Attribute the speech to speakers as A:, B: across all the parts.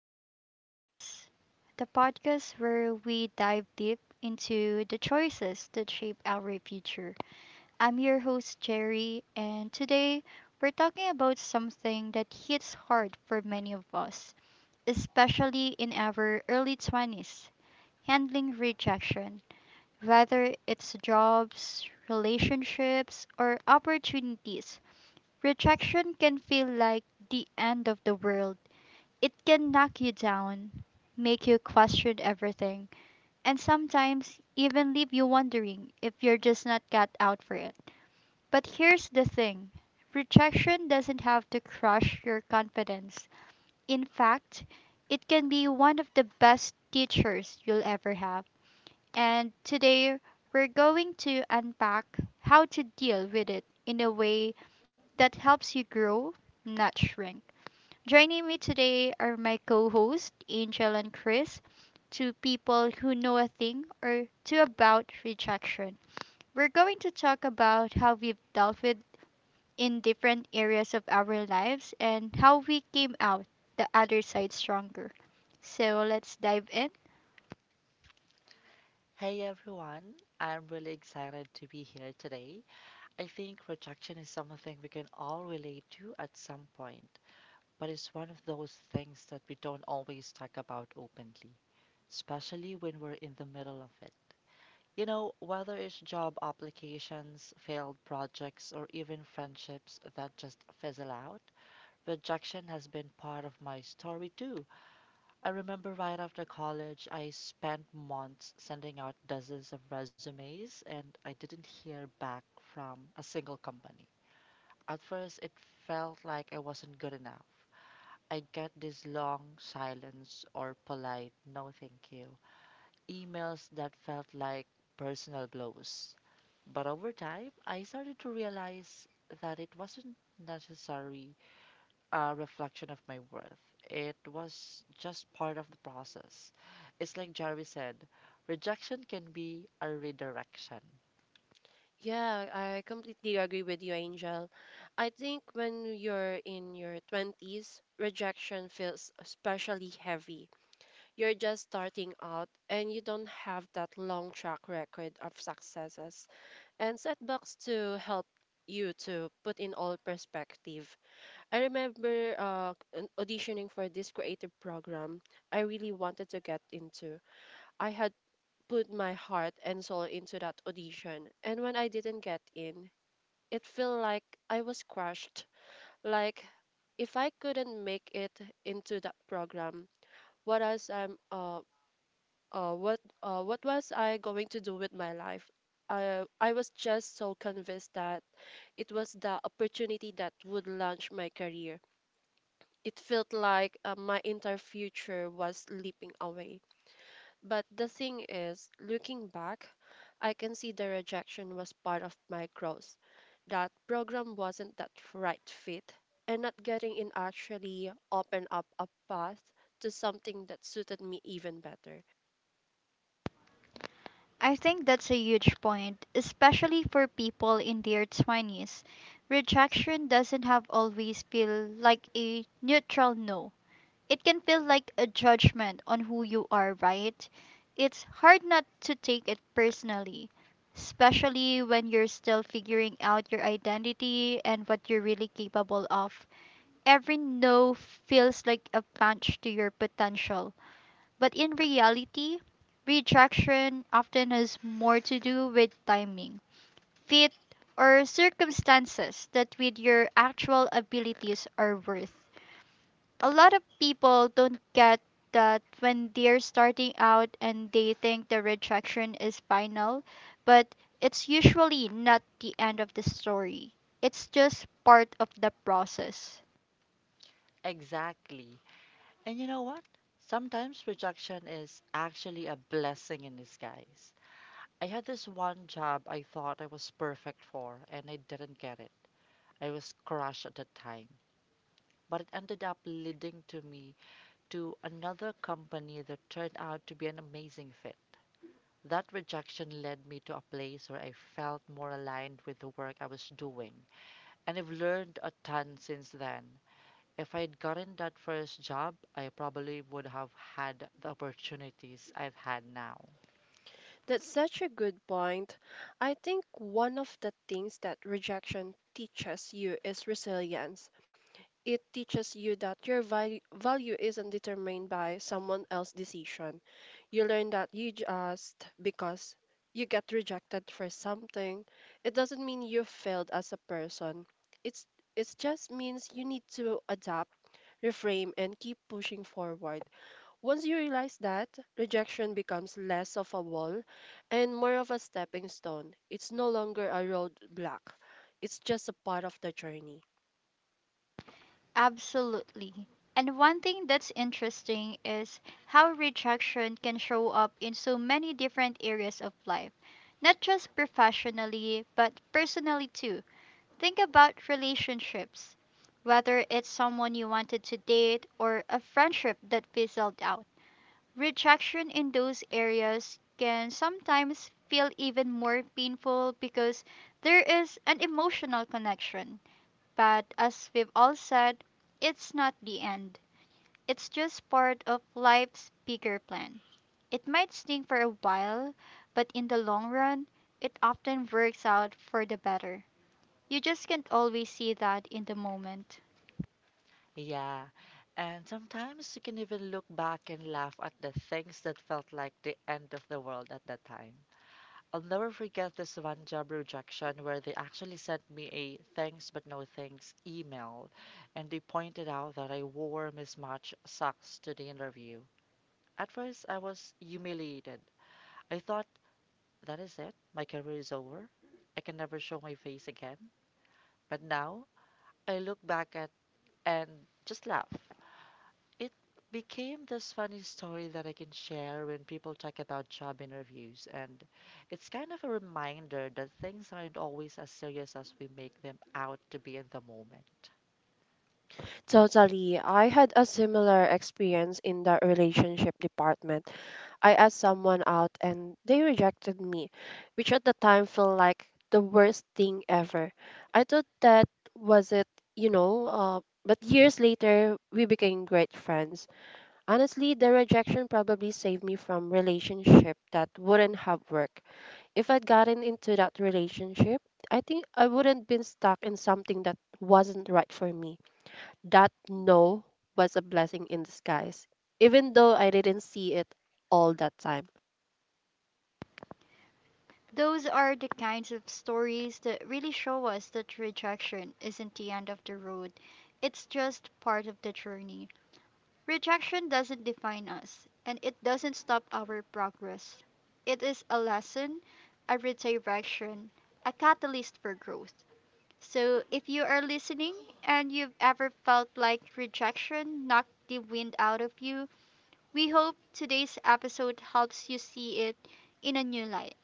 A: Life in Progress, the podcast where we dive deep into the choices that shape our future. I'm your host, Jerry, and today we're talking about something that hits hard for many of us, especially in our early 20s, handling rejection, whether it's jobs, relationships, or opportunities. Rejection can feel like the end of the world. It can knock you down, make you question everything, and sometimes even leave you wondering if you're just not cut out for it. But here's the thing: rejection doesn't have to crush your confidence. In fact, it can be one of the best teachers you'll ever have. And today, we're going to unpack how to deal with it in a way that helps you grow, not shrink. Joining me today are my co hosts, Angel and Chris, two people who know a thing or two about rejection. We're going to talk about how we've dealt with in different areas of our lives and how we came out the other side stronger. So let's dive in.
B: Hey everyone, I'm really excited to be here today. I think rejection is something we can all relate to at some point, but it's one of those things that we don't always talk about openly, especially when we're in the middle of it. You know, whether it's job applications, failed projects, or even friendships that just fizzle out, rejection has been part of my story too. I remember right after college, I spent months sending out dozens of resumes and I didn't hear back from a single company. At first, it felt like I wasn't good enough. I get this long silence or polite no thank you emails that felt like personal blows. But over time, I started to realize that it wasn't necessary a reflection of my worth. It was just part of the process. It's like Jerry said rejection can be a redirection.
C: Yeah, I completely agree with you, Angel. I think when you're in your 20s, rejection feels especially heavy. You're just starting out and you don't have that long track record of successes and setbacks to help you to put in all perspective. I remember auditioning for this creative program I really wanted to get into. I had put my heart and soul into that audition, and when I didn't get in, it felt like I was crushed. Like if I couldn't make it into that program, what else I'm uh, what was I going to do with my life? I was just so convinced that it was the opportunity that would launch my career. It felt like my entire future was slipping away. But the thing is, looking back, I can see the rejection was part of my growth. That program wasn't that right fit, and not getting in actually opened up a path to something that suited me even better.
A: I think that's a huge point, especially for people in their 20s. Rejection doesn't have always feel like a neutral no. It can feel like a judgment on who you are, right? It's hard not to take it personally, especially when you're still figuring out your identity and what you're really capable of. Every no feels like a punch to your potential, but in reality, rejection often has more to do with timing, fit, or circumstances that with your actual abilities are worth a lot of people don't get that when they're starting out and they think the rejection is final, but it's usually not the end of the story. It's just part of the process.
B: Exactly. And you know what? Sometimes rejection is actually a blessing in disguise. I had this one job I thought I was perfect for, and I didn't get it. I was crushed at the time. But it ended up leading to me to another company that turned out to be an amazing fit. That rejection led me to a place where I felt more aligned with the work I was doing, and I've learned a ton since then. If I had gotten that first job, I probably would have had the opportunities I've had now.
C: That's such a good point. I think one of the things that rejection teaches you is resilience. It teaches you that your value isn't determined by someone else's decision. You learn that you just because you get rejected for something, it doesn't mean you failed as a person. It's it just means you need to adapt, reframe, and keep pushing forward. Once you realize that, rejection becomes less of a wall and more of a stepping stone. It's no longer a roadblock. It's just a part of the journey.
A: Absolutely. And one thing that's interesting is how rejection can show up in so many different areas of life, not just professionally, but personally too. Think about relationships, whether it's someone you wanted to date or a friendship that fizzled out. Rejection in those areas can sometimes feel even more painful because there is an emotional connection. But as we've all said, it's not the end. It's just part of life's bigger plan. It might sting for a while, but in the long run, it often works out for the better. You just can't always see that in the moment.
B: Yeah, and sometimes you can even look back and laugh at the things that felt like the end of the world at that time. I'll never forget this one job rejection where they actually sent me a thanks but no thanks email and they pointed out that I wore mismatched socks to the interview. At first, I was humiliated. I thought, that is it, my career is over. I can never show my face again. But now, I look back at and just laugh. It became this funny story that I can share when people talk about job interviews. And it's kind of a reminder that things aren't always as serious as we make them out to be in the moment.
C: Totally. I had a similar experience in the relationship department. I asked someone out and they rejected me, which at the time felt like the worst thing ever. I thought that was it, but years later, we became great friends. Honestly, the rejection probably saved me from relationship that wouldn't have worked. If I'd gotten into that relationship, I think I wouldn't been stuck in something that wasn't right for me. That no was a blessing in disguise, even though I didn't see it all that time.
A: Those are the kinds of stories that really show us that rejection isn't the end of the road, it's just part of the journey. Rejection doesn't define us, and it doesn't stop our progress. It is a lesson, a redirection, a catalyst for growth. So, if you are listening and you've ever felt like rejection knocked the wind out of you, we hope today's episode helps you see it in a new light.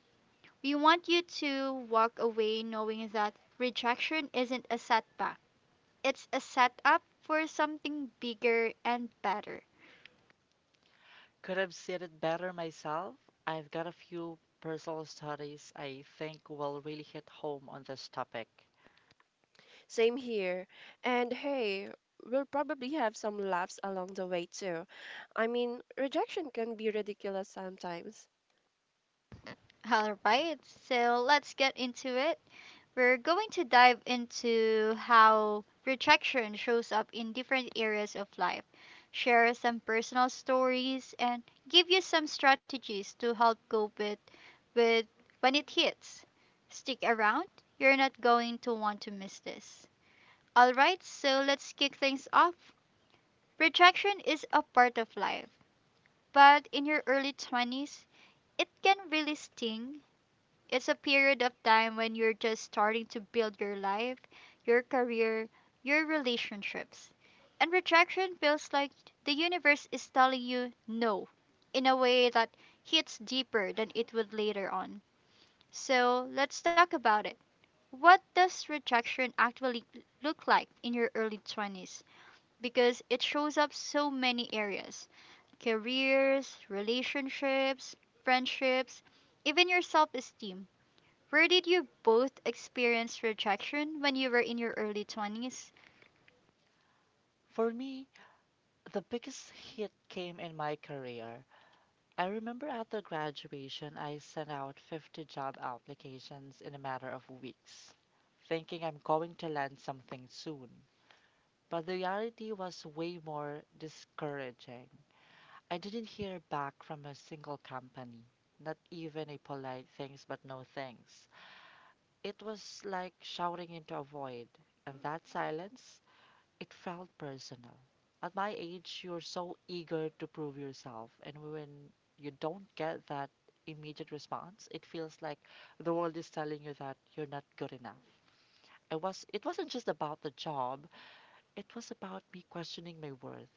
A: We want you to walk away knowing that rejection isn't a setback, it's a setup for something bigger and better.
B: Could have said it better myself. I've got a few personal stories I think will really hit home on this topic.
C: Same here. And hey, we'll probably have some laughs along the way too. I mean, rejection can be ridiculous sometimes.
A: Alright, so let's get into it. We're going to dive into how rejection shows up in different areas of life, share some personal stories, and give you some strategies to help cope with. But when it hits, stick around. You're not going to want to miss this. Alright, so let's kick things off. Rejection is a part of life, but in your early 20s, it can really sting. It's a period of time when you're just starting to build your life, your career, your relationships. And rejection feels like the universe is telling you no in a way that hits deeper than it would later on. So let's talk about it. What does rejection actually look like in your early 20s? Because it shows up so many areas: careers, relationships, friendships, even your self esteem. Where did you both experience rejection when you were in your early 20s?
B: For me, the biggest hit came in my career. I remember at the graduation, I sent out 50 job applications in a matter of weeks, thinking I'm going to land something soon. But the reality was way more discouraging. I didn't hear back from a single company, not even a polite thanks but no thanks. It was like shouting into a void, and that silence it felt personal. At my age, you're so eager to prove yourself, and when you don't get that immediate response, it feels like the world is telling you that you're not good enough. It wasn't just about the job, it was about me questioning my worth.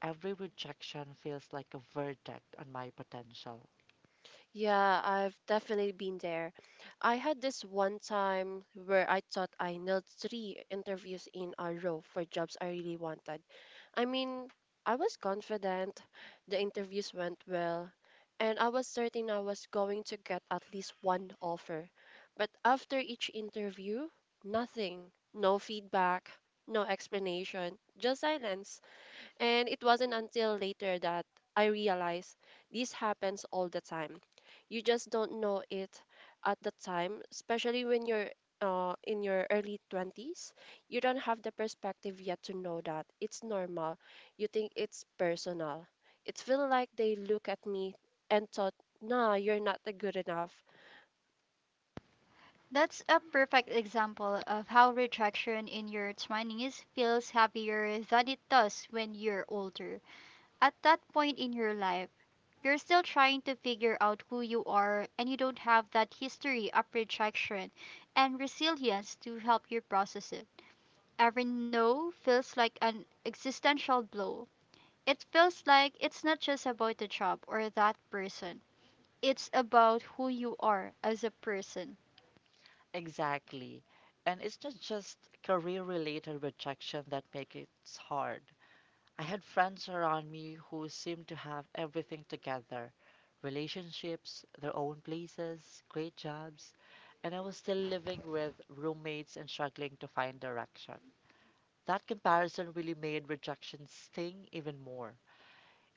B: Every rejection feels like a verdict on my potential.
C: Yeah, I've definitely been there. I had this one time where I thought I nailed three interviews in a row for jobs I really wanted. I mean, I was confident, the interviews went well, and I was certain I was going to get at least one offer. But after each interview, nothing. No feedback, no explanation, just silence. And it wasn't until later that I realized this happens all the time. You just don't know it at the time, especially when you're in your early 20s. You don't have the perspective yet to know that it's normal. You think it's personal. It feels like they look at me and thought, nah, you're not that good enough.
A: That's a perfect example of how rejection in your 20s feels heavier than it does when you're older. At that point in your life, you're still trying to figure out who you are, and you don't have that history of rejection and resilience to help you process it. Every no feels like an existential blow. It feels like it's not just about the job or that person, it's about who you are as a person.
B: Exactly. And it's not just career related rejection that makes it hard. I had friends around me who seemed to have everything together relationships, their own places, great jobs, and I was still living with roommates and struggling to find direction. That comparison really made rejection sting even more.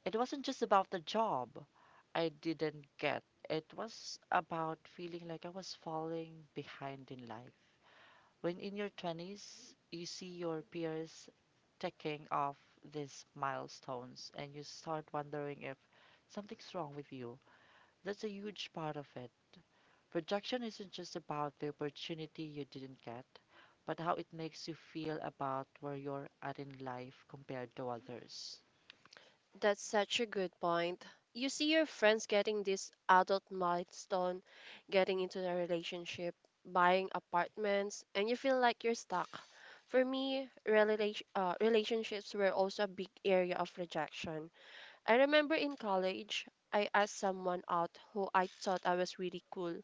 B: It wasn't just about the job I didn't get, it was about feeling like I was falling behind in life. When in your 20s, you see your peers ticking off these milestones and you start wondering if something's wrong with you. That's a huge part of it. Projection isn't just about the opportunity you didn't get, but how it makes you feel about where you're at in life compared to others.
C: That's such a good point. You see your friends getting this adult milestone, getting into a relationship, buying apartments, and you feel like you're stuck. For me, relationships were also a big area of rejection. I remember in college, I asked someone out who I thought I was really cool,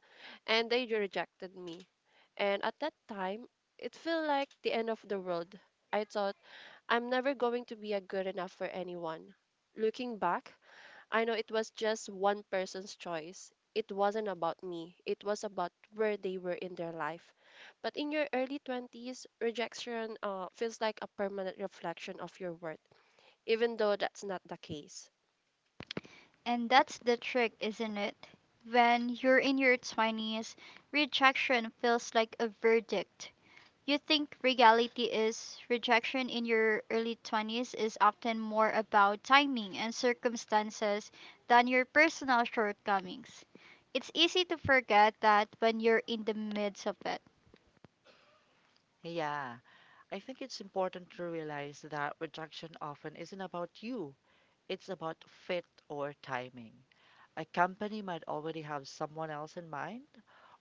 C: and they rejected me. And at that time, it felt like the end of the world. I thought I'm never going to be a good enough for anyone. Looking back, I know it was just one person's choice. It wasn't about me. It was about where they were in their life. But in your early 20s, rejection feels like a permanent reflection of your worth, even though that's not the case.
A: And that's the trick, isn't it? When you're in your 20s, rejection feels like a verdict. You think reality is rejection in your early 20s is often more about timing and circumstances than your personal shortcomings. It's easy to forget that when you're in the midst of it,
B: Yeah, I think it's important to realize that rejection often isn't about you. It's about fit or timing. A company might already have someone else in mind,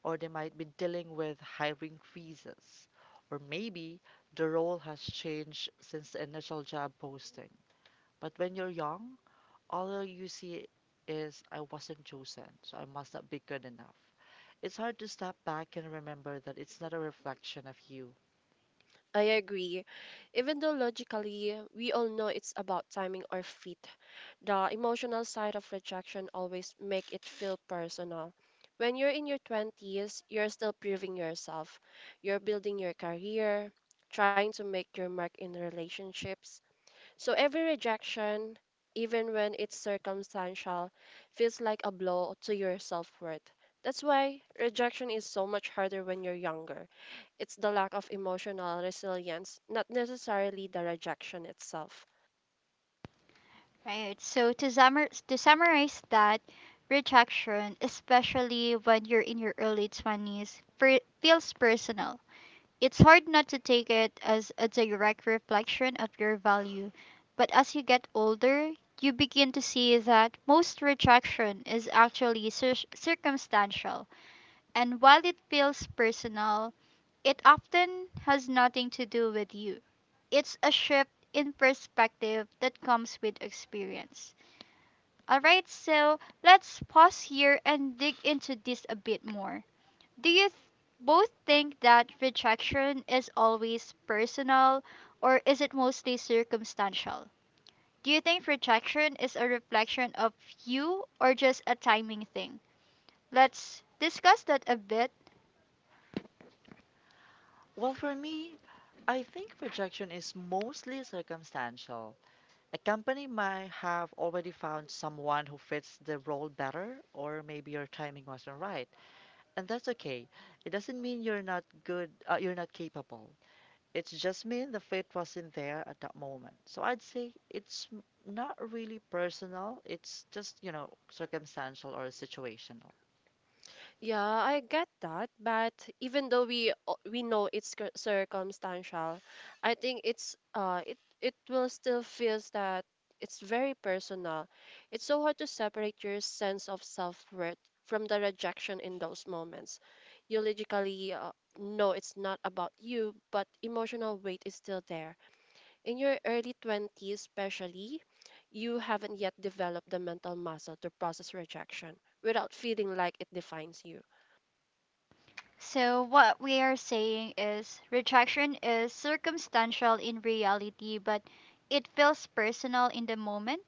B: or they might be dealing with hiring freezes, or maybe the role has changed since the initial job posting. But when you're young, all you see is I wasn't chosen, so I must not be good enough. It's hard to step back and remember that it's not a reflection of you.
C: I agree. Even though logically we all know it's about timing or fit, the emotional side of rejection always make it feel personal. When you're in your 20s, you're still proving yourself. You're building your career, trying to make your mark in relationships, so every rejection, even when it's circumstantial, feels like a blow to your self worth. That's why rejection is so much harder when you're younger. It's the lack of emotional resilience, not necessarily the rejection itself.
A: right? So to summarize that, rejection, especially when you're in your early 20s, feels personal. It's hard not to take it as a direct reflection of your value, but as you get older, you begin to see that most rejection is actually circumstantial, and while it feels personal, it often has nothing to do with you. It's a shift in perspective that comes with experience. Alright, so let's pause here and dig into this a bit more. Do you both think that rejection is always personal or is it mostly circumstantial? Do you think rejection is a reflection of you or just a timing thing? Let's discuss that a bit.
B: Well, for me, I think rejection is mostly circumstantial. A company might have already found someone who fits the role better, or maybe your timing wasn't right. And that's okay. It doesn't mean you're not good, you're not capable. It's just mean the fit wasn't there at that moment. So I'd say it's not really personal, it's just, you know, circumstantial or situational.
C: Yeah, I get that, but even though we know it's circumstantial, I think it's it will still feels that it's very personal. It's so hard to separate your sense of self-worth from the rejection in those moments. You logically know it's not about you, but emotional weight is still there. In your early 20s, especially, you haven't yet developed the mental muscle to process rejection without feeling like it defines you.
A: So, what we are saying is rejection is circumstantial in reality, but it feels personal in the moment.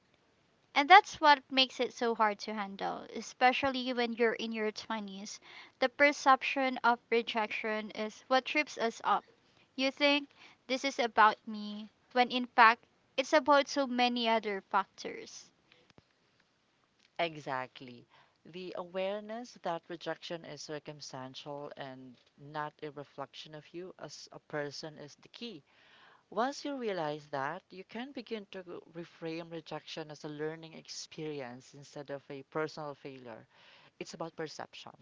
A: And that's what makes it so hard to handle, especially when you're in your 20s. The perception of rejection is what trips us up. You think this is about me, when in fact, it's about so many other factors.
B: Exactly. The awareness that rejection is circumstantial and not a reflection of you as a person is the key. Once you realize that, you can begin to reframe rejection as a learning experience instead of a personal failure. It's about perception.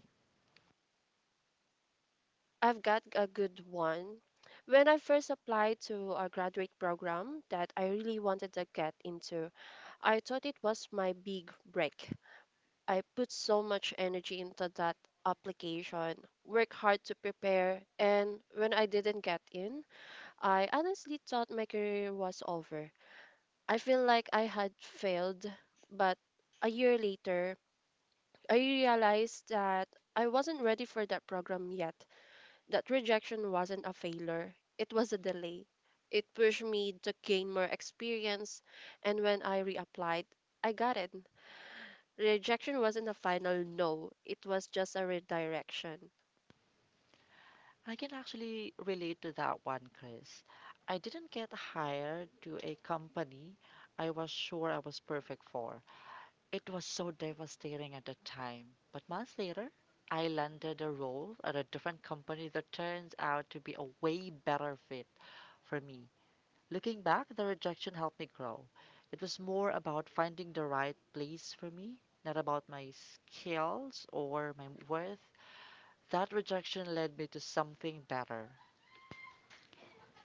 C: I've got a good one. When I first applied to a graduate program that I really wanted to get into, I thought it was my big break. I put so much energy into that application, worked hard to prepare, and when I didn't get in, I honestly thought my career was over. I feel like I had failed, but a year later, I realized that I wasn't ready for that program yet. That rejection wasn't a failure, it was a delay. It pushed me to gain more experience, and when I reapplied, I got it. Rejection wasn't a final no, it was just a redirection.
B: I can actually relate to that one, Chris. I didn't get hired to a company I was sure I was perfect for. It was so devastating at the time. But months later, I landed a role at a different company that turns out to be a way better fit for me. Looking back, the rejection helped me grow. It was more about finding the right place for me, not about my skills or my worth. That rejection led me to something better.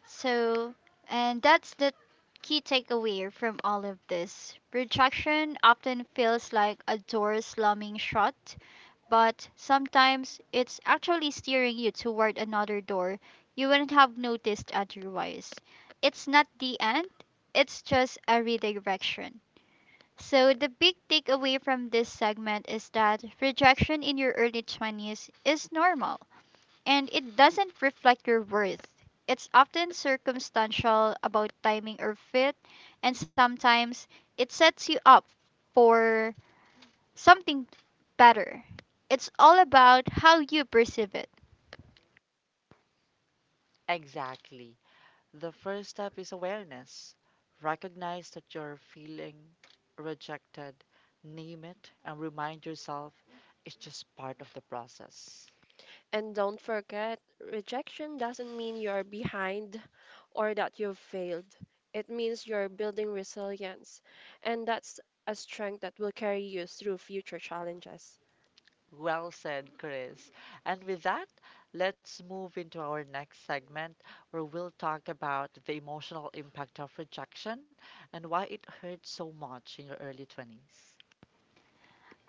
A: So, and that's the key takeaway from all of this. Rejection often feels like a door slamming shut, but sometimes it's actually steering you toward another door you wouldn't have noticed otherwise. It's not the end, it's just a redirection. So, the big takeaway from this segment is that rejection in your early 20s is normal and it doesn't reflect your worth. It's often circumstantial about timing or fit, and sometimes it sets you up for something better. It's all about how you perceive it.
B: Exactly. The first step is awareness. Recognize that you're feeling rejected, name it, and remind yourself it's just part of the process.
C: And don't forget, rejection doesn't mean you're behind or that you've failed. It means you're building resilience, and that's a strength that will carry you through future challenges.
B: Well said, Chris. And with that, let's move into our next segment where we'll talk about the emotional impact of rejection and why it hurts so much in your early 20s.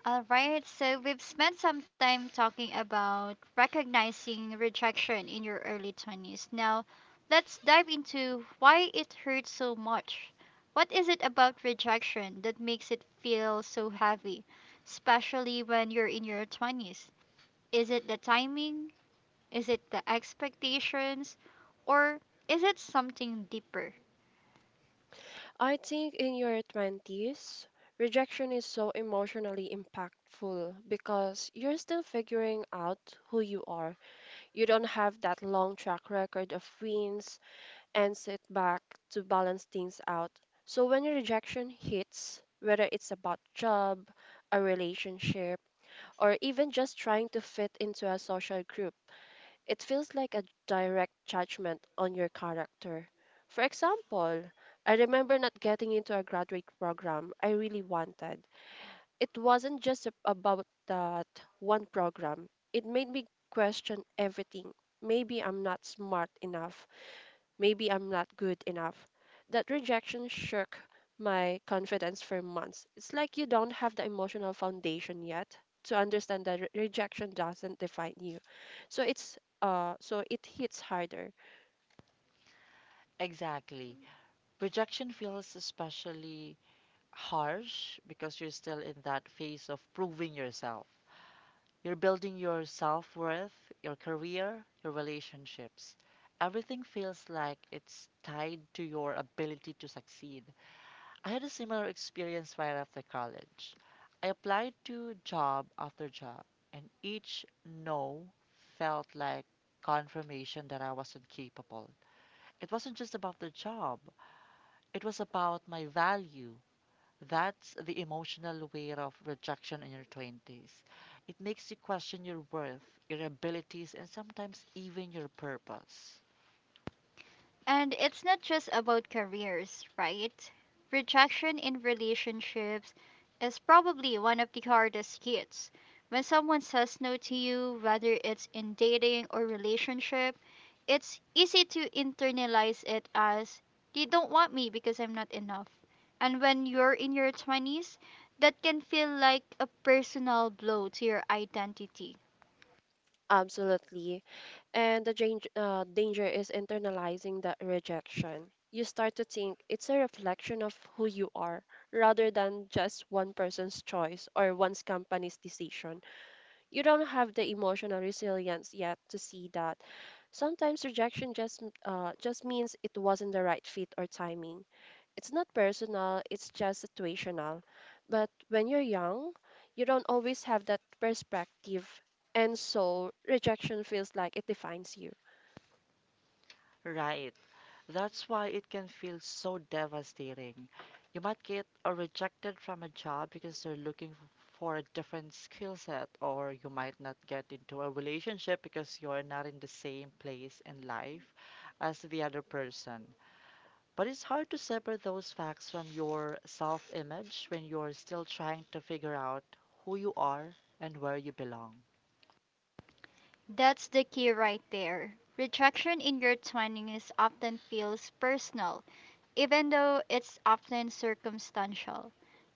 A: All right, so we've spent some time talking about recognizing rejection in your early 20s. Now, let's dive into why it hurts so much. What is it about rejection that makes it feel so heavy, especially when you're in your 20s? Is it the timing? Is it the expectations? Or is it something deeper?
C: I think in your 20s, rejection is so emotionally impactful because you're still figuring out who you are. You don't have that long track record of wins and setback to balance things out. So when your rejection hits, whether it's about job, a relationship, or even just trying to fit into a social group, it feels like a direct judgment on your character. For example, I remember not getting into a graduate program I really wanted. It wasn't just about that one program, it made me question everything. Maybe I'm not smart enough, maybe I'm not good enough. That rejection shook my confidence for months. It's like you don't have the emotional foundation yet to understand that rejection doesn't define you. So it hits harder.
B: Exactly. Rejection feels especially harsh because you're still in that phase of proving yourself. You're building your self worth, your career, your relationships. Everything feels like it's tied to your ability to succeed. I had a similar experience right after college. I applied to job after job, and each no felt like confirmation that I wasn't capable. It wasn't just about the job, it was about my value. That's the emotional weight of rejection in your 20s. It makes you question your worth, your abilities, and sometimes even your purpose.
A: And it's not just about careers, right? Rejection in relationships is probably one of the hardest hits. When someone says no to you, whether it's in dating or relationship, it's easy to internalize it as they don't want me because I'm not enough. And when you're in your 20s, that can feel like a personal blow to your identity.
C: Absolutely. And the danger is internalizing that rejection. You start to think it's a reflection of who you are rather than just one person's choice or one's company's decision. You don't have the emotional resilience yet to see that. Sometimes rejection just means it wasn't the right fit or timing. It's not personal, it's just situational. But when you're young, you don't always have that perspective. And so rejection feels like it defines you.
B: Right. That's why it can feel so devastating. You might get rejected from a job because they're looking for a different skill set, or you might not get into a relationship because you're not in the same place in life as the other person. But it's hard to separate those facts from your self image when you're still trying to figure out who you are and where you belong.
A: That's the key right there. Rejection in your 20s often feels personal even though it's often circumstantial.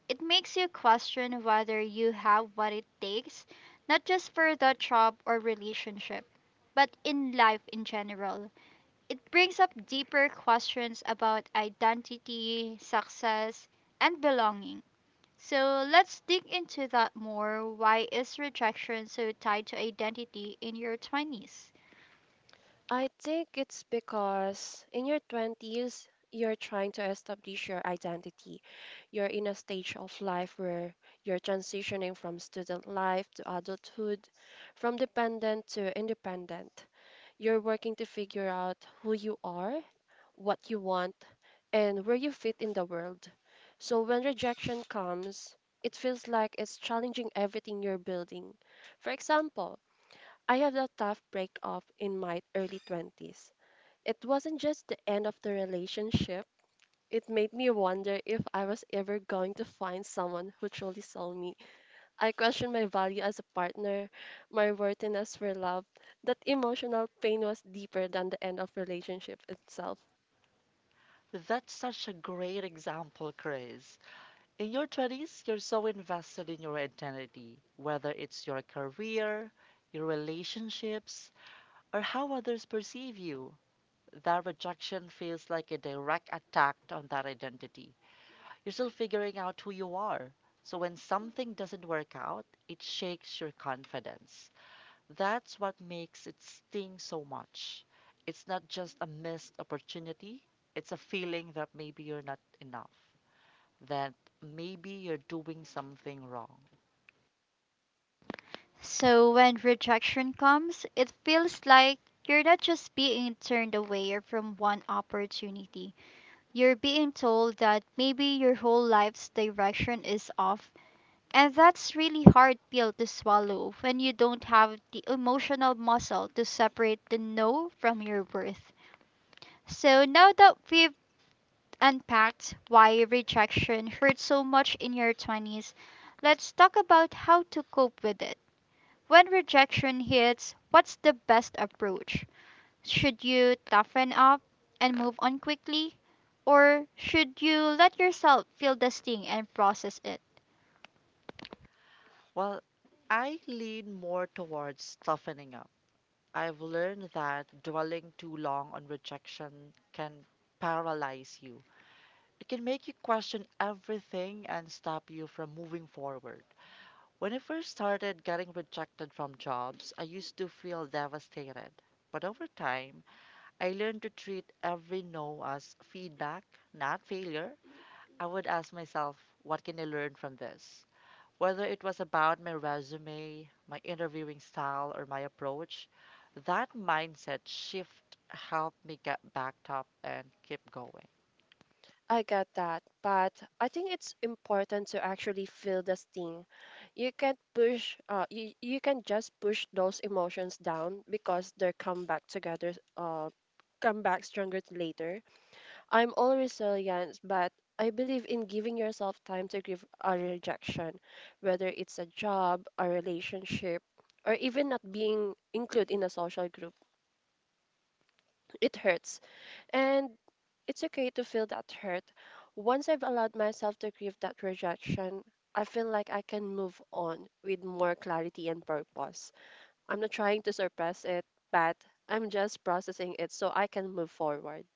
A: It makes you question whether you have what it takes, not just for the job or relationship, but in life in general. It brings up deeper questions about identity, success, and belonging. So let's dig into that more. Why is rejection so tied to identity in your 20s?
C: I think it's because in your 20s, you're trying to establish your identity. You're in a stage of life where you're transitioning from student life to adulthood, from dependent to independent. You're working to figure out who you are, what you want, and where you fit in the world. So when rejection comes, it feels like it's challenging everything you're building. For example, I had a tough breakup in my early 20s. It wasn't just the end of the relationship, it made me wonder if I was ever going to find someone who truly saw me. I questioned my value as a partner, my worthiness for love. That emotional pain was deeper than the end of relationship itself.
B: That's such a great example, Chris. In your 20s, you're so invested in your identity, whether it's your career, your relationships, or how others perceive you. That rejection feels like a direct attack on that identity. You're still figuring out who you are. So when something doesn't work out, it shakes your confidence. That's what makes it sting so much. It's not just a missed opportunity, it's a feeling that maybe you're not enough that maybe you're doing something wrong.
A: So when rejection comes, it feels like you're not just being turned away from one opportunity. You're being told that maybe your whole life's direction is off. And that's really hard pill to swallow when you don't have the emotional muscle to separate the no from your worth. So now that we've unpacked why rejection hurts so much in your 20s, let's talk about how to cope with it. When rejection hits, what's the best approach? Should you toughen up and move on quickly? Or should you let yourself feel the sting and process it?
B: Well, I lean more towards toughening up. I've learned that dwelling too long on rejection can paralyze you. It can make you question everything and stop you from moving forward. When I first started getting rejected from jobs, I used to feel devastated. But over time, I learned to treat every no as feedback, not failure. I would ask myself, what can I learn from this? Whether it was about my resume, my interviewing style, or my approach, that mindset shift helped me get back up and keep going.
C: I get that, but I think it's important to actually feel the sting. You can't push, you, you can just push those emotions down because they come back come back stronger later. I'm all resilience, but I believe in giving yourself time to give a rejection, whether it's a job, a relationship, or even not being included in a social group. It hurts. And it's okay to feel that hurt. Once I've allowed myself to grieve that rejection, I feel like I can move on with more clarity and purpose. I'm not trying to suppress it, but I'm just processing it so I can move forward.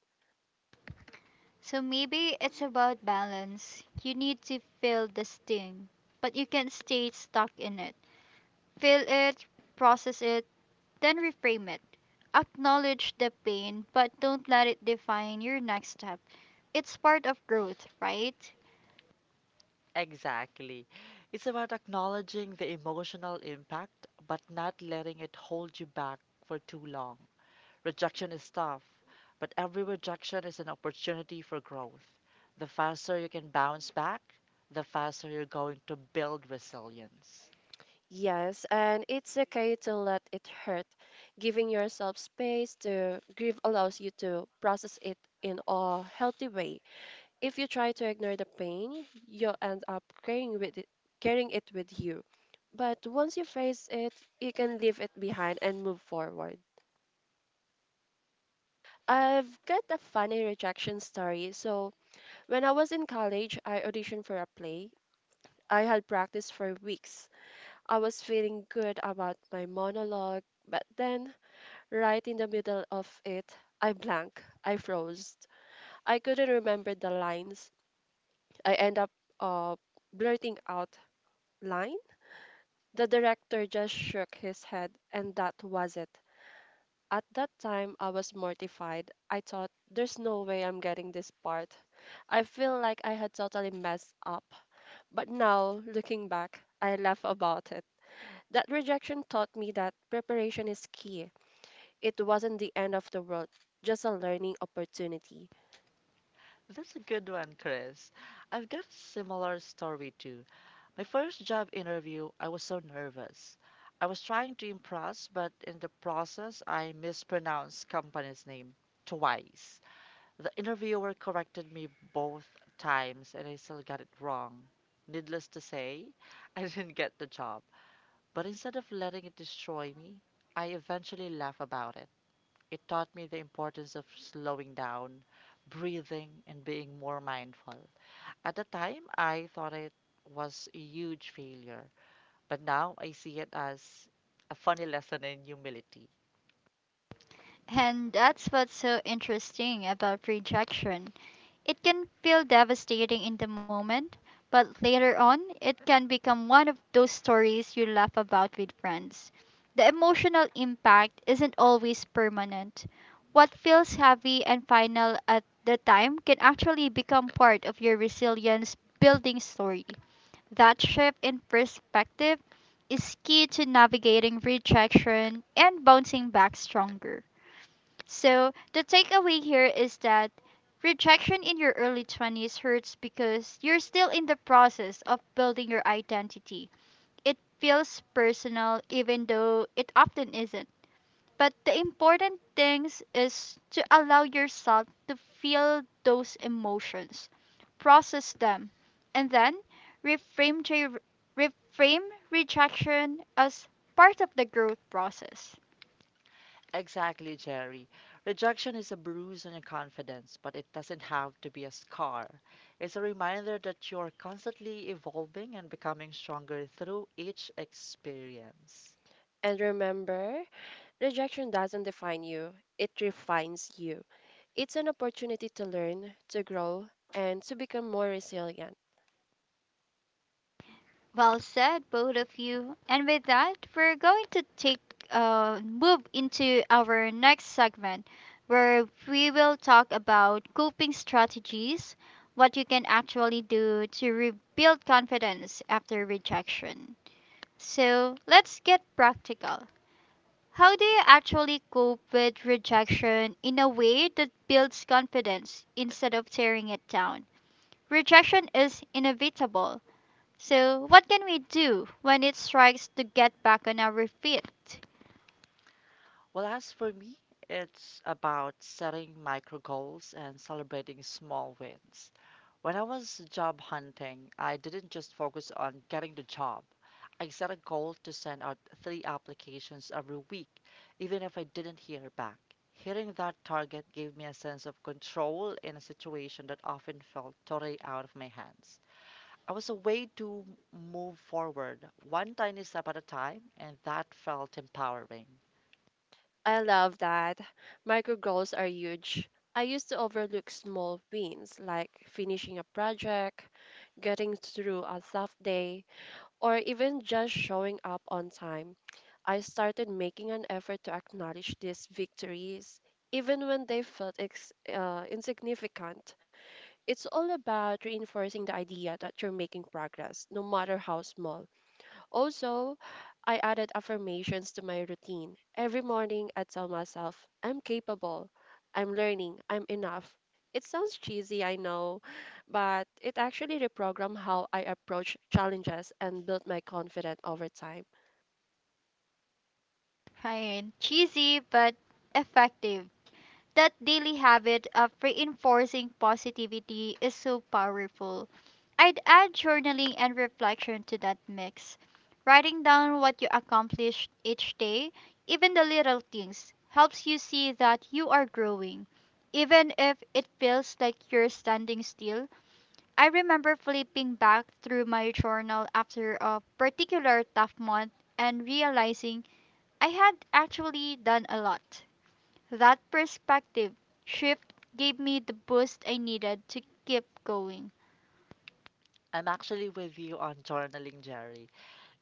A: So maybe it's about balance. You need to feel the sting, but you can't stay stuck in it. Feel it, process it, then reframe it. Acknowledge the pain, but don't let it define your next step. It's part of growth, right?
B: Exactly. It's about acknowledging the emotional impact, but not letting it hold you back for too long. Rejection is tough, but every rejection is an opportunity for growth. The faster you can bounce back, the faster you're going to build resilience.
C: Yes, and it's okay to let it hurt. Giving yourself space to grieve allows you to process it in a healthy way. If you try to ignore the pain, you'll end up carrying it with you. But once you face it, you can leave it behind and move forward. I've got a funny rejection story. So, when I was in college, I auditioned for a play. I had practiced for weeks. I was feeling good about my monologue, but then right in the middle of it, I blank. I froze. I couldn't remember the lines. I end up uh, blurting out line. The director just shook his head, and that was it. At that time, I was mortified. I thought, there's no way I'm getting this part. I feel like I had totally messed up. But now, looking back, I laugh about it. That rejection taught me that preparation is key. It wasn't the end of the world, just a learning opportunity.
B: That's a good one, Chris. I've got a similar story too. My first job interview, I was so nervous. I was trying to impress, but in the process, I mispronounced company's name twice. The interviewer corrected me both times, and I still got it wrong. Needless to say, I didn't get the job. But instead of letting it destroy me, I eventually laughed about it. It taught me the importance of slowing down, breathing, and being more mindful. At the time, I thought it was a huge failure, but now I see it as a funny lesson in humility.
A: And that's what's so interesting about rejection. It can feel devastating in the moment, but later on, it can become one of those stories you laugh about with friends. The emotional impact isn't always permanent. What feels heavy and final at the time can actually become part of your resilience building story. That shift in perspective is key to navigating rejection and bouncing back stronger. So the takeaway here is that rejection in your early 20s hurts because you're still in the process of building your identity. It feels personal even though it often isn't. But the important thing is to allow yourself to feel those emotions, process them, and then reframe to reframe rejection as part of the growth process.
B: Exactly, Jerry. Rejection is a bruise on your confidence, but it doesn't have to be a scar. It's a reminder that you're constantly evolving and becoming stronger through each experience.
C: And remember, rejection doesn't define you, it refines you. It's an opportunity to learn, to grow, and to become more resilient.
A: Well said, both of you. And with that, we're going to take move into our next segment where we will talk about coping strategies, what you can actually do to rebuild confidence after rejection. So let's get practical. How do you actually cope with rejection in a way that builds confidence instead of tearing it down? Rejection is inevitable, so what can we do when it strikes to get back on our feet?
B: Well, as for me, it's about setting micro goals and celebrating small wins. When I was job hunting, I didn't just focus on getting the job. I set a goal to send out three applications every week, even if I didn't hear back. Hitting that target gave me a sense of control in a situation that often felt totally out of my hands. I was a way to move forward, one tiny step at a time, and that felt empowering.
C: I love that. Micro goals are huge. I used to overlook small wins like finishing a project, getting through a tough day, or even just showing up on time. I started making an effort to acknowledge these victories, even when they felt insignificant. It's all about reinforcing the idea that you're making progress, no matter how small. Also, I added affirmations to my routine. Every morning, I tell myself, I'm capable, I'm learning, I'm enough. It sounds cheesy, I know, but it actually reprogrammed how I approach challenges and built my confidence over time.
A: Right. Cheesy but effective. That daily habit of reinforcing positivity is so powerful. I'd add journaling and reflection to that mix. Writing down what you accomplished each day, even the little things, helps you see that you are growing. Even if it feels like you're standing still, I remember flipping back through my journal after a particular tough month and realizing I had actually done a lot. That perspective shift gave me the boost I needed to keep going.
B: I'm actually with you on journaling, Jerry.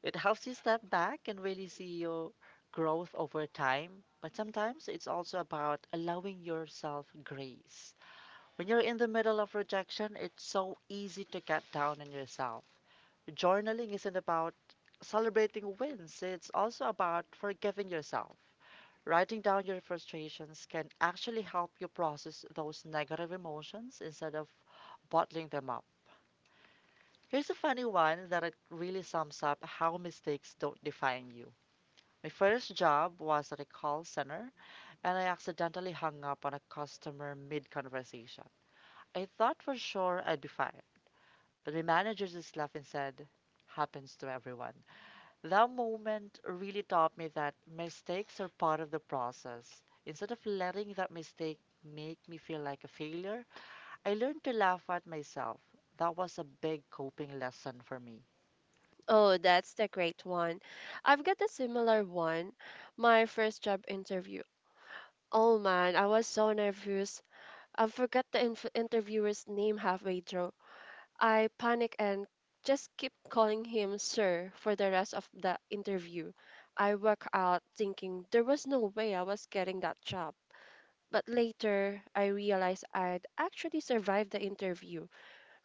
B: It helps you step back and really see your growth over time. But sometimes it's also about allowing yourself grace. When you're in the middle of rejection, it's so easy to get down on yourself. Journaling isn't about celebrating wins, it's also about forgiving yourself. Writing down your frustrations can actually help you process those negative emotions instead of bottling them up. Here's a funny one that it really sums up how mistakes don't define you. My first job was at a call center, and I accidentally hung up on a customer mid conversation. I thought for sure I'd be fired, but my manager just laughed and said, Happens to everyone. That moment really taught me that mistakes are part of the process. Instead of letting that mistake make me feel like a failure, I learned to laugh at myself. That was a big coping lesson for me.
C: Oh, that's the great one. I've got a similar one. My first job interview. Oh man, I was so nervous I forgot the interviewer's name halfway through. I panic and just keep calling him sir for the rest of the interview. I walk out thinking there was no way I was getting that job. But later, I realized I'd actually survived the interview.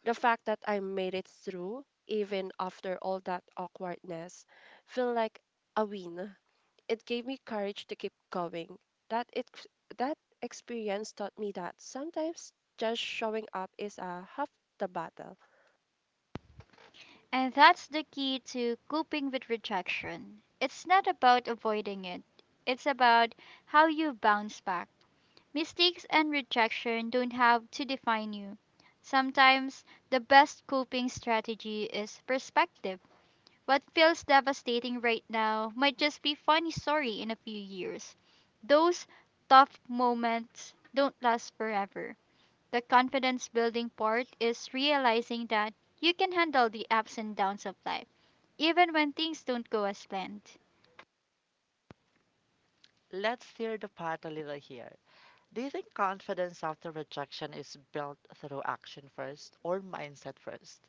C: The fact that I made it through, even after all that awkwardness, felt like a win. It gave me courage to keep going. That it that experience taught me that sometimes just showing up is a half the battle.
A: And that's the key to coping with rejection. It's not about avoiding it, it's about how you bounce back. Mistakes and rejection don't have to define you. Sometimes the best coping strategy is perspective. What feels devastating right now might just be funny story in a few years. Those tough moments don't last forever. The confidence building part is realizing that you can handle the ups and downs of life, even when things don't go as planned.
B: Let's steer the pot a little here. Do you think confidence after rejection is built through action first or mindset first?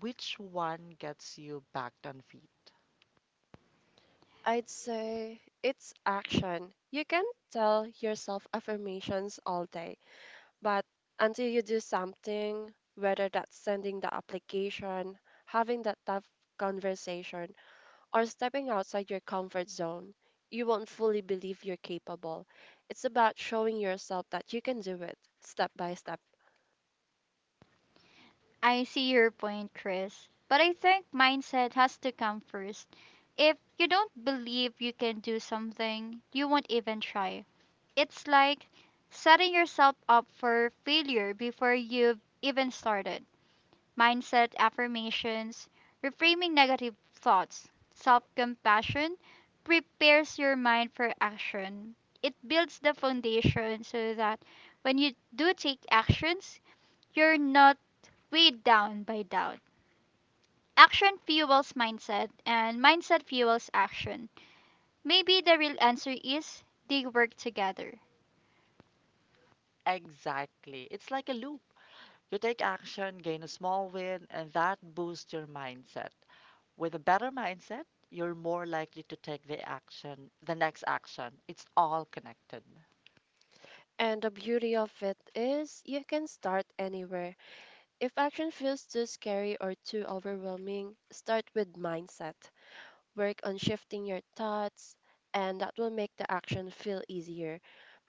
B: Which one gets you back on feet?
C: I'd say it's action. You can tell yourself affirmations all day, but until you do something, whether that's sending the application, having that tough conversation, or stepping outside your comfort zone, you won't fully believe you're capable. It's about showing yourself that you can do it step by step.
A: I see your point, Chris, but I think mindset has to come first. If you don't believe you can do something, you won't even try. It's like setting yourself up for failure before you've even started. Mindset affirmations, reframing negative thoughts, self compassion prepares your mind for action. It builds the foundation so that when you do take actions, you're not weighed down by doubt. Action fuels mindset, and mindset fuels action. Maybe the real answer is they work together.
B: Exactly. It's like a loop. You take action, gain a small win, and that boosts your mindset. With a better mindset, you're more likely to take the action, the next action. It's all connected.
C: And the beauty of it is you can start anywhere. If action feels too scary or too overwhelming, start with mindset. Work on shifting your thoughts, and that will make the action feel easier.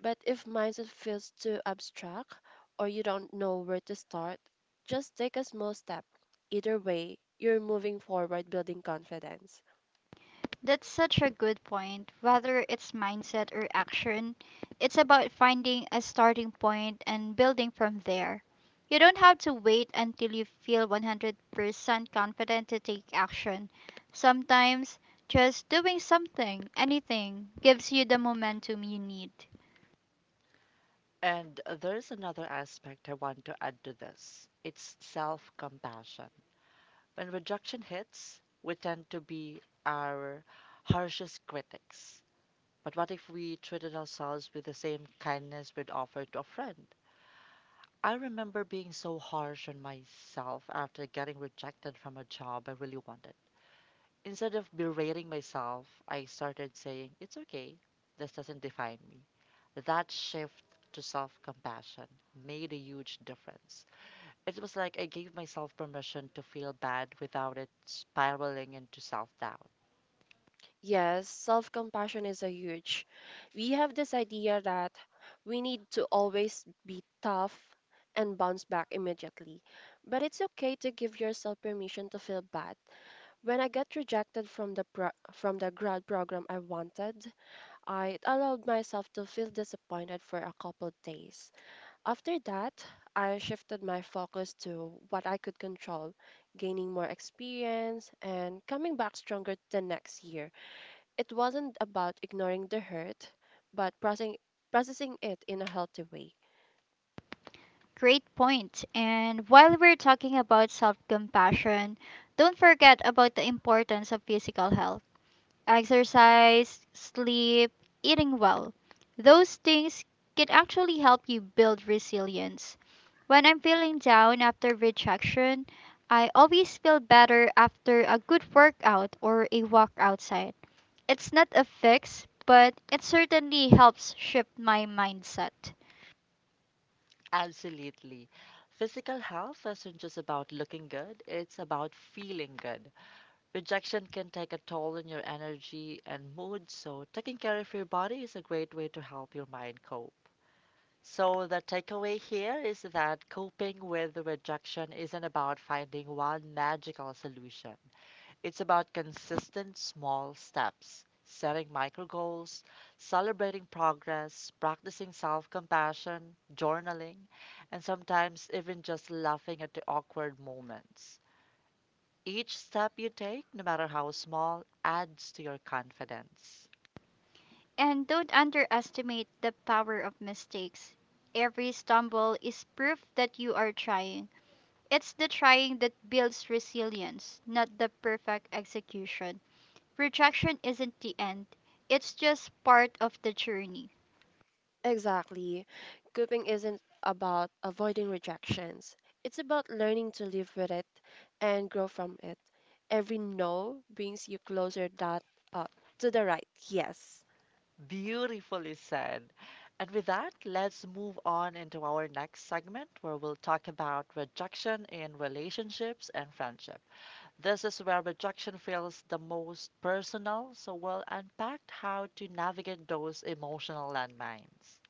C: But if mindset feels too abstract or you don't know where to start, just take a small step. Either way, you're moving forward building confidence.
A: That's such a good point. Whether it's mindset or action, it's about finding a starting point and building from there. You don't have to wait until you feel 100% confident to take action. Sometimes, just doing something, anything, gives you the momentum you need.
B: And there's another aspect I want to add to this. It's self compassion. When rejection hits, we tend to be our harshest critics. But what if we treated ourselves with the same kindness we'd offer to a friend? I remember being so harsh on myself after getting rejected from a job I really wanted. Instead of berating myself, I started saying, It's okay, this doesn't define me. That shift to self compassion made a huge difference. It was like I gave myself permission to feel bad without it spiraling into self doubt.
C: Yes, self compassion is a huge. We have this idea that we need to always be tough and bounce back immediately. But it's okay to give yourself permission to feel bad. When I got rejected from from the grad program I wanted, I allowed myself to feel disappointed for a couple days. After that, I shifted my focus to what I could control, gaining more experience and coming back stronger the next year. It wasn't about ignoring the hurt, but processing it in a healthy way.
A: Great point. And while we're talking about self compassion, don't forget about the importance of physical health. Exercise, sleep, eating well. Those things can actually help you build resilience. When I'm feeling down after rejection, I always feel better after a good workout or a walk outside. It's not a fix, but it certainly helps shift my mindset.
B: Absolutely. Physical health isn't just about looking good, it's about feeling good. Rejection can take a toll on your energy and mood, so taking care of your body is a great way to help your mind cope. So, the takeaway here is that coping with rejection isn't about finding one magical solution. It's about consistent small steps, setting micro goals, celebrating progress, practicing self compassion, journaling, and sometimes even just laughing at the awkward moments. Each step you take, no matter how small, adds to your confidence.
A: And don't underestimate the power of mistakes. Every stumble is proof that you are trying. It's the trying that builds resilience, not the perfect execution. Rejection isn't the end, it's just part of the journey,
C: Exactly. Coping isn't about avoiding rejections. It's about learning to live with it and grow from it. Every no brings you closer that uh, to the right yes.
B: Beautifully said. And with that, let's move on into our next segment where we'll talk about rejection in relationships and friendship. This is where rejection feels the most personal, so we'll unpack how to navigate those emotional landmines.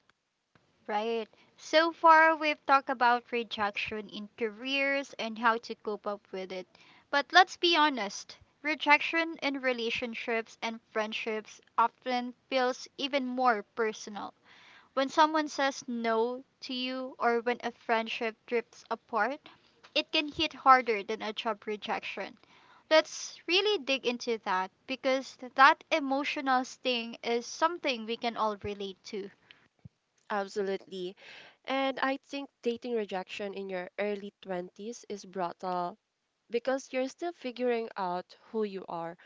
A: right? So far, we've talked about rejection in careers and how to cope up with it. But let's be honest, rejection in relationships and friendships often feels even more personal. When someone says no to you, or when a friendship drifts apart, it can hit harder than a job rejection. Let's really dig into that because that emotional sting is something we can all relate to.
C: Absolutely. And I think dating rejection in your early 20s is brutal because you're still figuring out who you are.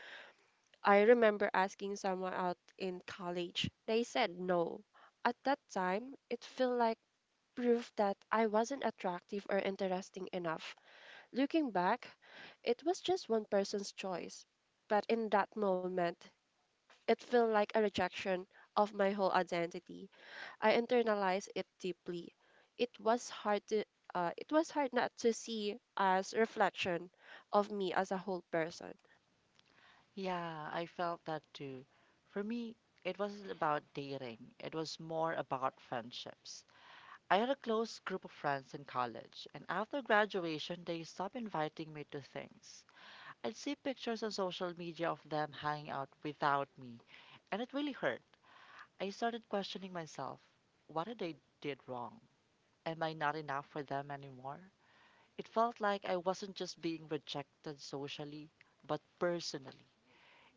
C: I remember asking someone out in college. They said no. At that time, it felt like proof that I wasn't attractive or interesting enough. Looking back, it was just one person's choice. But in that moment, it felt like a rejection of my whole identity. I internalized it deeply. It was hard to it was hard not to see as reflection of me as a whole person.
B: Yeah, I felt that too. For me, it wasn't about dating, it was more about friendships. I had a close group of friends in college, and after graduation, they stopped inviting me to things. I'd see pictures on social media of them hanging out without me, and it really hurt. I started questioning myself, what did I did wrong? Am I not enough for them anymore? It felt like I wasn't just being rejected socially, but personally.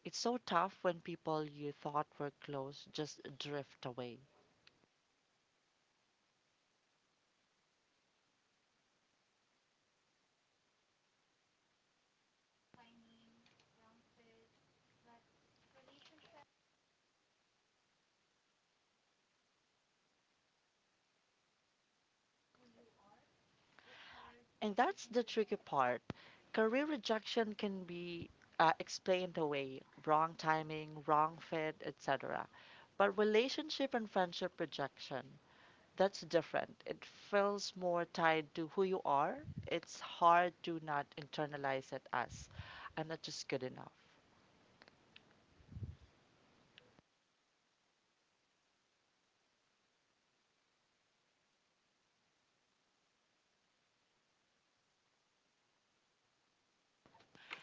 B: It's so tough when people you thought were close just drift away. And that's the tricky part. Career rejection can be explained away, wrong timing, wrong fit, etc. But relationship and friendship rejection, that's different. It feels more tied to who you are. It's hard to not internalize it as I'm not just good enough.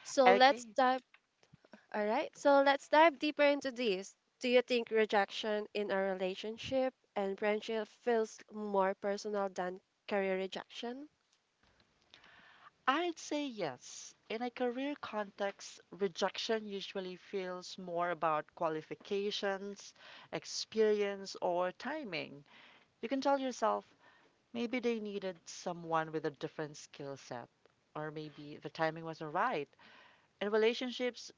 C: So let's
B: Okay.
C: dive All right, so let's dive deeper into this. Do you think rejection in a relationship and friendship feels more personal than career rejection?
B: I'd say yes. In a career context, rejection usually feels more about qualifications, experience, or timing. You can tell yourself maybe they needed someone with a different skill set, or maybe the timing wasn't right. In relationships,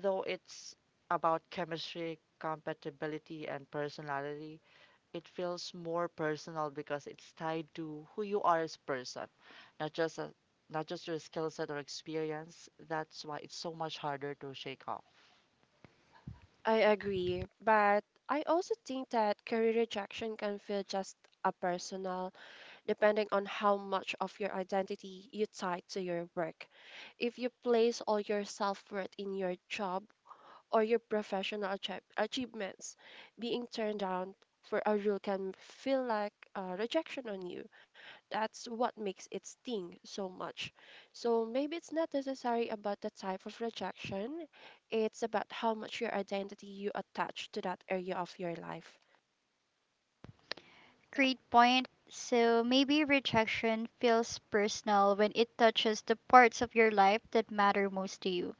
B: though, it's about chemistry, compatibility, and personality. It feels more personal because it's tied to who you are as a person, not just a, not just your skill set or experience. That's why it's so much harder to shake off.
C: I agree, but I also think that career rejection can feel just a personal, depending on how much of your identity you tie to your work. If you place all your self worth in your job or your professional achievements, being turned down for a role can feel like rejection on you. That's what makes it sting so much. So maybe it's not necessary about the type of rejection, it's about how much your identity you attach to that area of your life.
A: Great point. So maybe rejection feels personal when it touches the parts of your life that matter most to you,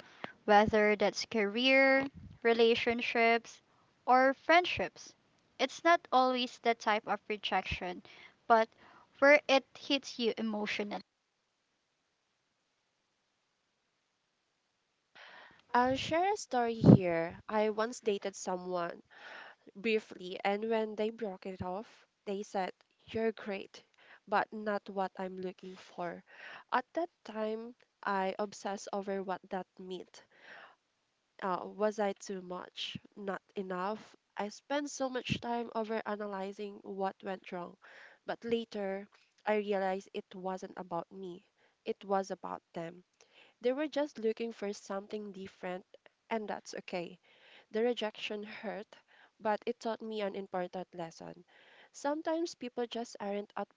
A: whether that's career, relationships, or friendships. It's not always the type of rejection, but where it hits you emotionally.
C: I'll share a story here. I once dated someone briefly, and when they broke it off, they said, "You're great, but not what I'm looking for." At that time, I obsessed over what that meant. Was I too much? Not enough? I spent so much time over analyzing what went wrong. But later, I realized it wasn't about me, it was about them. They were just looking for something different, and that's okay. The rejection hurt, but it taught me an important lesson. Sometimes people just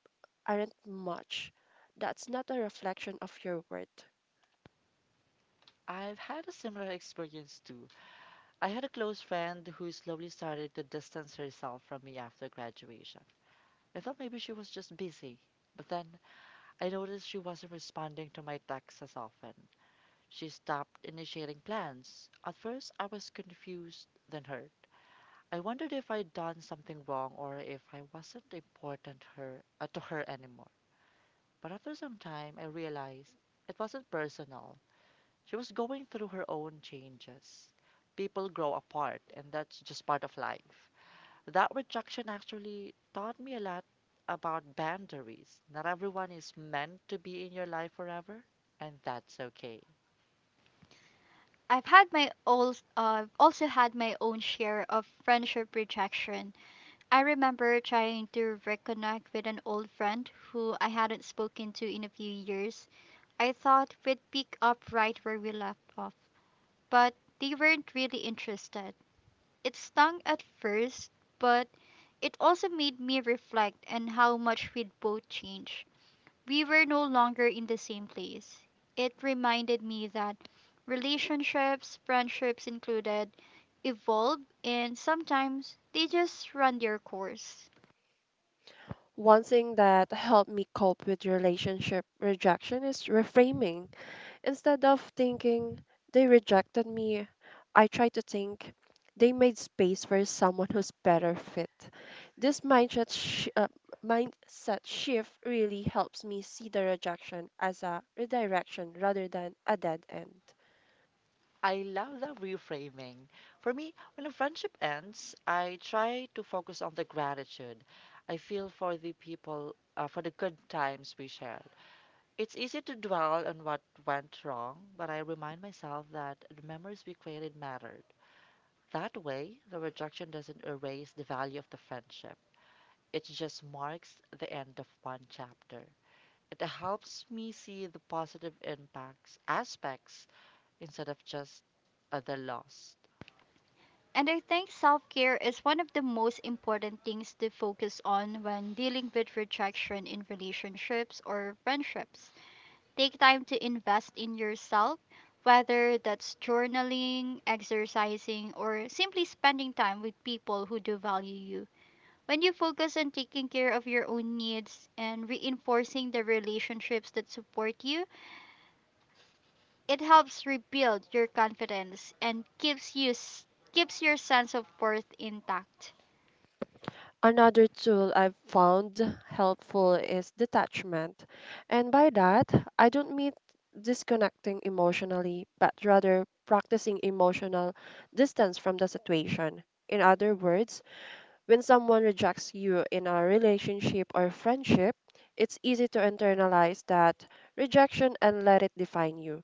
C: aren't much. That's not a reflection of your worth.
B: I've had a similar experience too. I had a close friend who slowly started to distance herself from me after graduation. I thought maybe she was just busy, but then I noticed she wasn't responding to my texts as often. She stopped initiating plans. At first, I was confused, then hurt. I wondered if I'd done something wrong or if I wasn't important to her anymore. But after some time, I realized it wasn't personal. She was going through her own changes. People grow apart, and that's just part of life. That rejection actually taught me a lot about boundaries. Not everyone is meant to be in your life forever, and that's okay.
A: I've also had my own share of friendship rejection. I remember trying to reconnect with an old friend who I hadn't spoken to in a few years. I thought we'd pick up right where we left off, but they weren't really interested. It stung at first, but it also made me reflect on how much we'd both changed. We were no longer in the same place. It reminded me that relationships, friendships included, evolve, and sometimes they just run their course.
C: One thing that helped me cope with relationship rejection is reframing. Instead of thinking they rejected me, I try to think they made space for someone who's better fit. This mindset shift really helps me see the rejection as a redirection rather than a dead end.
B: I love that reframing. For me, when a friendship ends, I try to focus on the gratitude I feel for for the good times we shared. It's easy to dwell on what went wrong, but I remind myself that the memories we created mattered. That way, the rejection doesn't erase the value of the friendship, it just marks the end of one chapter. It helps me see the aspects, instead of just the loss.
A: And I think self care is one of the most important things to focus on when dealing with rejection in relationships or friendships. Take time to invest in yourself, whether that's journaling, exercising, or simply spending time with people who do value you. When you focus on taking care of your own needs and reinforcing the relationships that support you, it helps rebuild your confidence and keeps your sense of worth intact.
C: Another tool I've found helpful is detachment. And by that, I don't mean disconnecting emotionally, but rather practicing emotional distance from the situation. In other words, when someone rejects you in a relationship or friendship, it's easy to internalize that rejection and let it define you.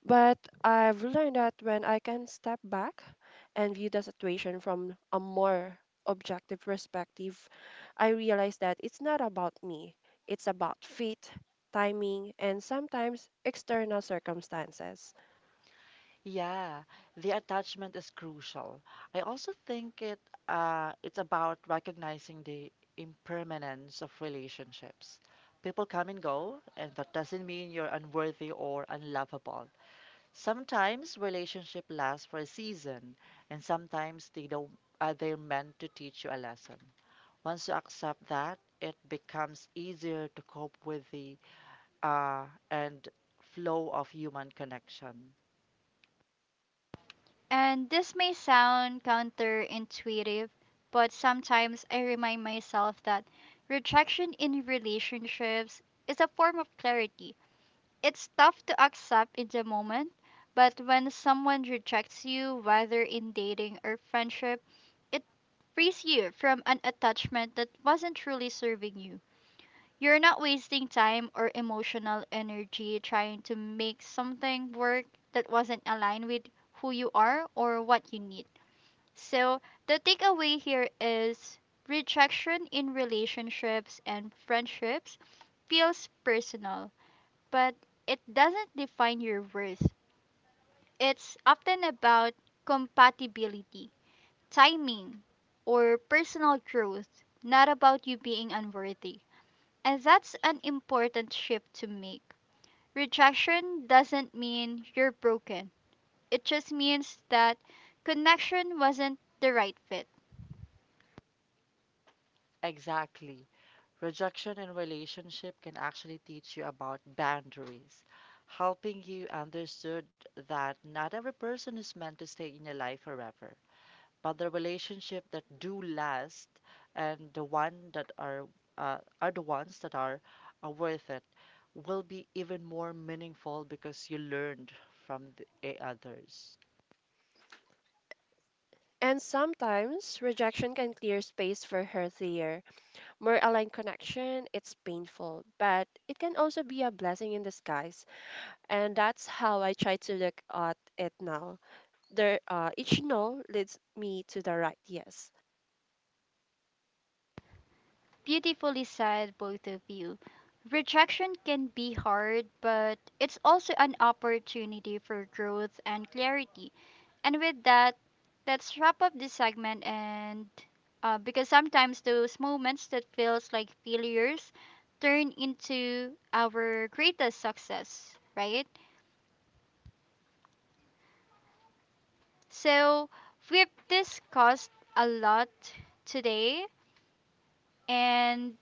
C: But I've learned that when I can step back and view the situation from a more objective perspective, I realize that it's not about me. It's about fate, timing, and sometimes external circumstances.
B: Yeah, the attachment is crucial. I also think it's about recognizing the impermanence of relationships. People come and go, and that doesn't mean you're unworthy or unlovable. Sometimes relationship lasts for a season, and sometimes they don't they're meant to teach you a lesson. Once you accept that, it becomes easier to cope with the uh, and flow of human connection.
A: And this may sound counterintuitive, but sometimes I remind myself that rejection in relationships is a form of clarity. It's tough to accept in the moment, but when someone rejects you, whether in dating or friendship, it frees you from an attachment that wasn't truly serving you. You're not wasting time or emotional energy trying to make something work that wasn't aligned with who you are or what you need. So, the takeaway here is rejection in relationships and friendships feels personal, but it doesn't define your worth. It's often about compatibility, timing, or personal growth, not about you being unworthy. And that's an important shift to make. Rejection doesn't mean you're broken, it just means that connection wasn't the right fit.
B: Exactly. Rejection in relationship can actually teach you about boundaries, helping you understood that not every person is meant to stay in your life forever. But the relationship that do last, and the one that are the ones that are worth it will be even more meaningful because you learned from the others.
C: And sometimes rejection can clear space for healthier, more aligned connection. It's painful, but it can also be a blessing in disguise. And that's how I try to look at it now. Each no leads me to the right yes.
A: Beautifully said, both of you. Rejection can be hard, but it's also an opportunity for growth and clarity. And with that, let's wrap up this segment, and because sometimes those moments that feels like failures turn into our greatest success, right? So we've discussed a lot today and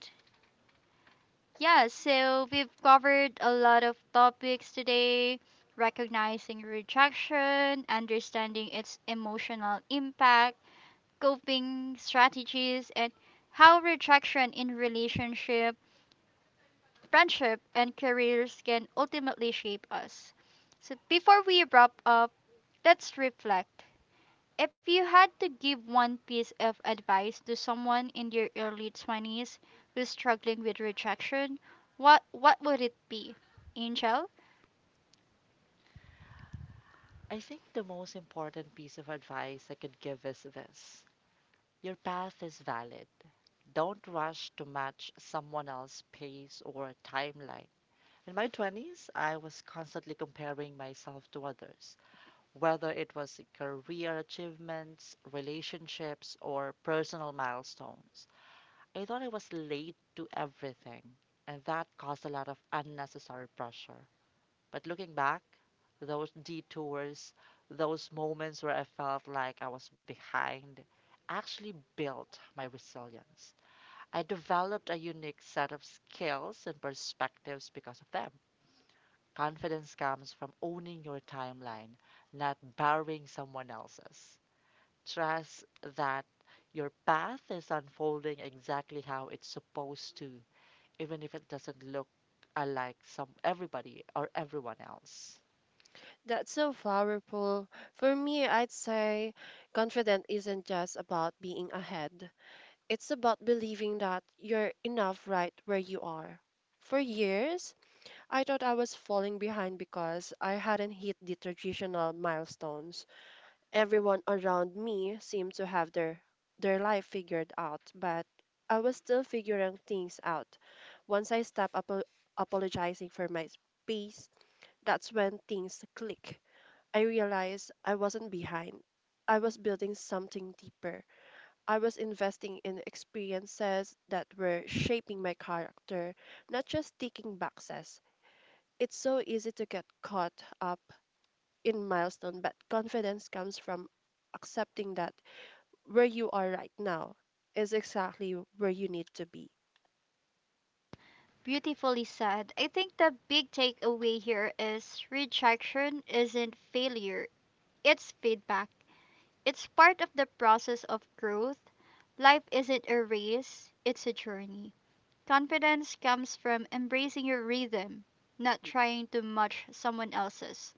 A: yeah, so we've covered a lot of topics today, recognizing rejection, understanding its emotional impact coping strategies, and how rejection in relationship, friendship, and careers can ultimately shape us. So before we wrap up, let's reflect. If you had to give one piece of advice to someone in their early 20s who's struggling with rejection, what would it be? Angel?
B: I think the most important piece of advice I could give is this. Your path is valid. Don't rush to match someone else's pace or timeline. In my 20s, I was constantly comparing myself to others, whether it was career achievements, relationships, or personal milestones. I thought I was late to everything, and that caused a lot of unnecessary pressure. But looking back, those detours, those moments where I felt like I was behind, actually built my resilience. I developed a unique set of skills and perspectives because of them. Confidence comes from owning your timeline, not borrowing someone else's. Trust that your path is unfolding exactly how it's supposed to, even if it doesn't look alike some everybody or everyone else.
C: That's so powerful. For me, I'd say confident isn't just about being ahead. It's about believing that you're enough right where you are. For years, I thought I was falling behind because I hadn't hit the traditional milestones. Everyone around me seemed to have their life figured out, but I was still figuring things out. Once I stopped apologizing for my space, that's when things clicked. I realized I wasn't behind. I was building something deeper. I was investing in experiences that were shaping my character, not just ticking boxes. It's so easy to get caught up in milestone, but confidence comes from accepting that where you are right now is exactly where you need to be.
A: Beautifully said. I think the big takeaway here is rejection isn't failure, it's feedback. It's part of the process of growth. Life isn't a race, it's a journey. Confidence comes from embracing your rhythm, not trying to match someone else's.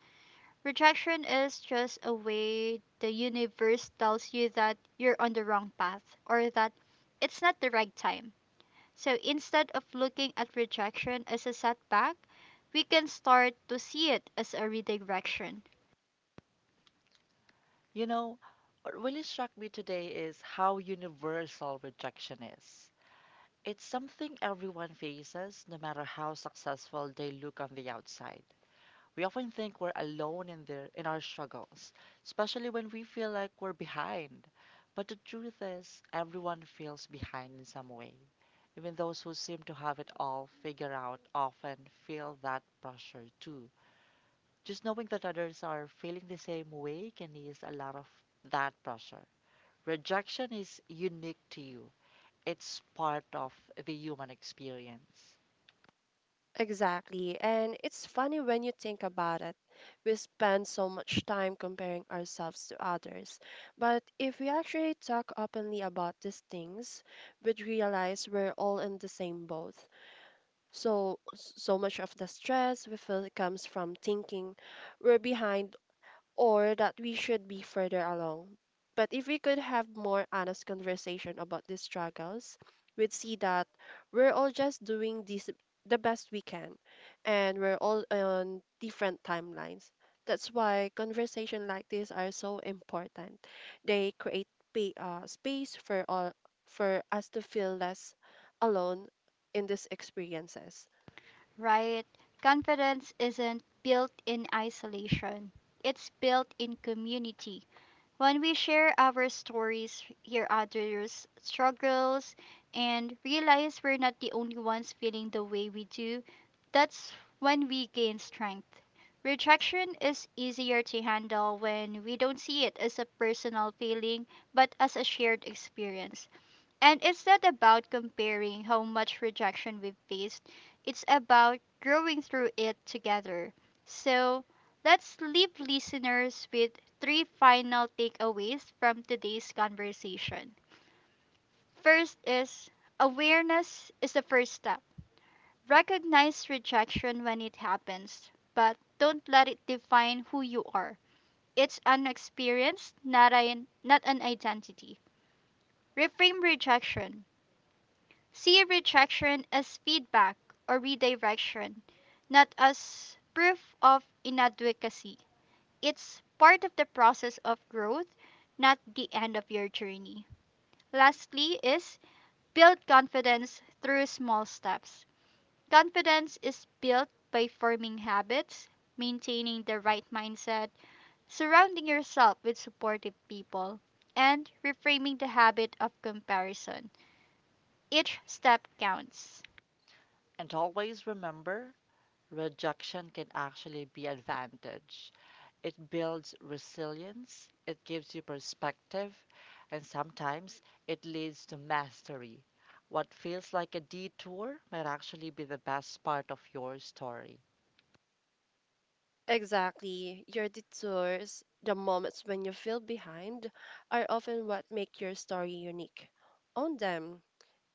A: Rejection is just a way the universe tells you that you're on the wrong path or that it's not the right time. So instead of looking at rejection as a setback, we can start to see it as a redirection.
B: You know, what really struck me today is how universal rejection is. It's something everyone faces, no matter how successful they look on the outside. We often think we're alone in their in our struggles, especially when we feel like we're behind. But the truth is, everyone feels behind in some way. Even those who seem to have it all figured out often feel that pressure too. Just knowing that others are feeling the same way can ease a lot of that pressure. Rejection is unique to you, it's part of the human experience.
C: Exactly. And it's funny when you think about it. We spend so much time comparing ourselves to others. But if we actually talk openly about these things, we'd realize we're all in the same boat. So much of the stress we feel comes from thinking we're behind or that we should be further along. But if we could have more honest conversation about these struggles, we'd see that we're all just doing this the best we can and we're all on different timelines. That's why conversation like this are so important. They create space for all for us to feel less alone in these experiences.
A: Right? Confidence isn't built in isolation, it's built in community. When we share our stories, hear others' struggles, and realize we're not the only ones feeling the way we do, that's when we gain strength. Rejection is easier to handle when we don't see it as a personal feeling but as a shared experience. And it's not about comparing how much rejection we've faced, it's about growing through it together. So let's leave listeners with three final takeaways from today's conversation. First is awareness is the first step. Recognize rejection when it happens, but don't let it define who you are. It's an experience, not an identity. Reframe rejection. See retraction as feedback or redirection, not as proof of inadequacy. It's part of the process of growth, not the end of your journey. Lastly, is build confidence through small steps. Confidence is built by forming habits, maintaining the right mindset, surrounding yourself with supportive people, and reframing the habit of comparison. Each step counts.
B: And always remember, rejection can actually be advantage. It builds resilience, it gives you perspective, and sometimes it leads to mastery. What feels like a detour might actually be the best part of your story.
C: Exactly. Your detours, the moments when you feel behind, are often what make your story unique. Own them,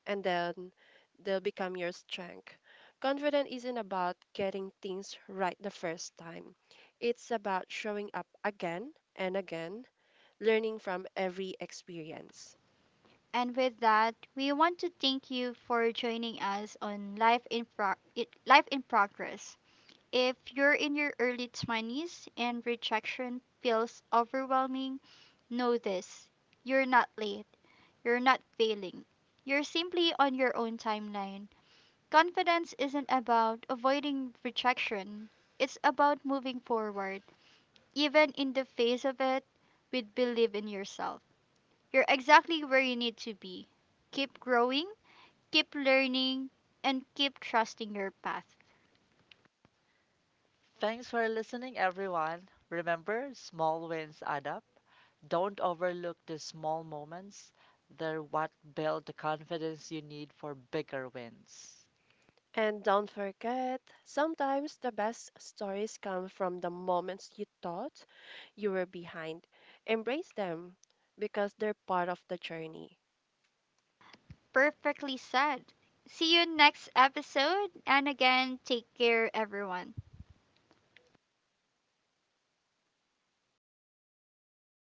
C: and then they'll become your strength. Confidence isn't about getting things right the first time, it's about showing up again and again, learning from every experience.
A: And with that, we want to thank you for joining us on Life in Progress. If you're in your early 20s and rejection feels overwhelming, know this: you're not late, you're not failing, you're simply on your own timeline. Confidence isn't about avoiding rejection, it's about moving forward, even in the face of it, with believe in yourself. You're exactly where you need to be. Keep growing, keep learning, and keep trusting your path.
B: Thanks for listening, everyone. Remember, small wins add up. Don't overlook the small moments. They're what build the confidence you need for bigger wins.
C: And don't forget, sometimes the best stories come from the moments you thought you were behind. Embrace them because they're part of the journey.
A: Perfectly said. See you next episode. And again, take care, everyone.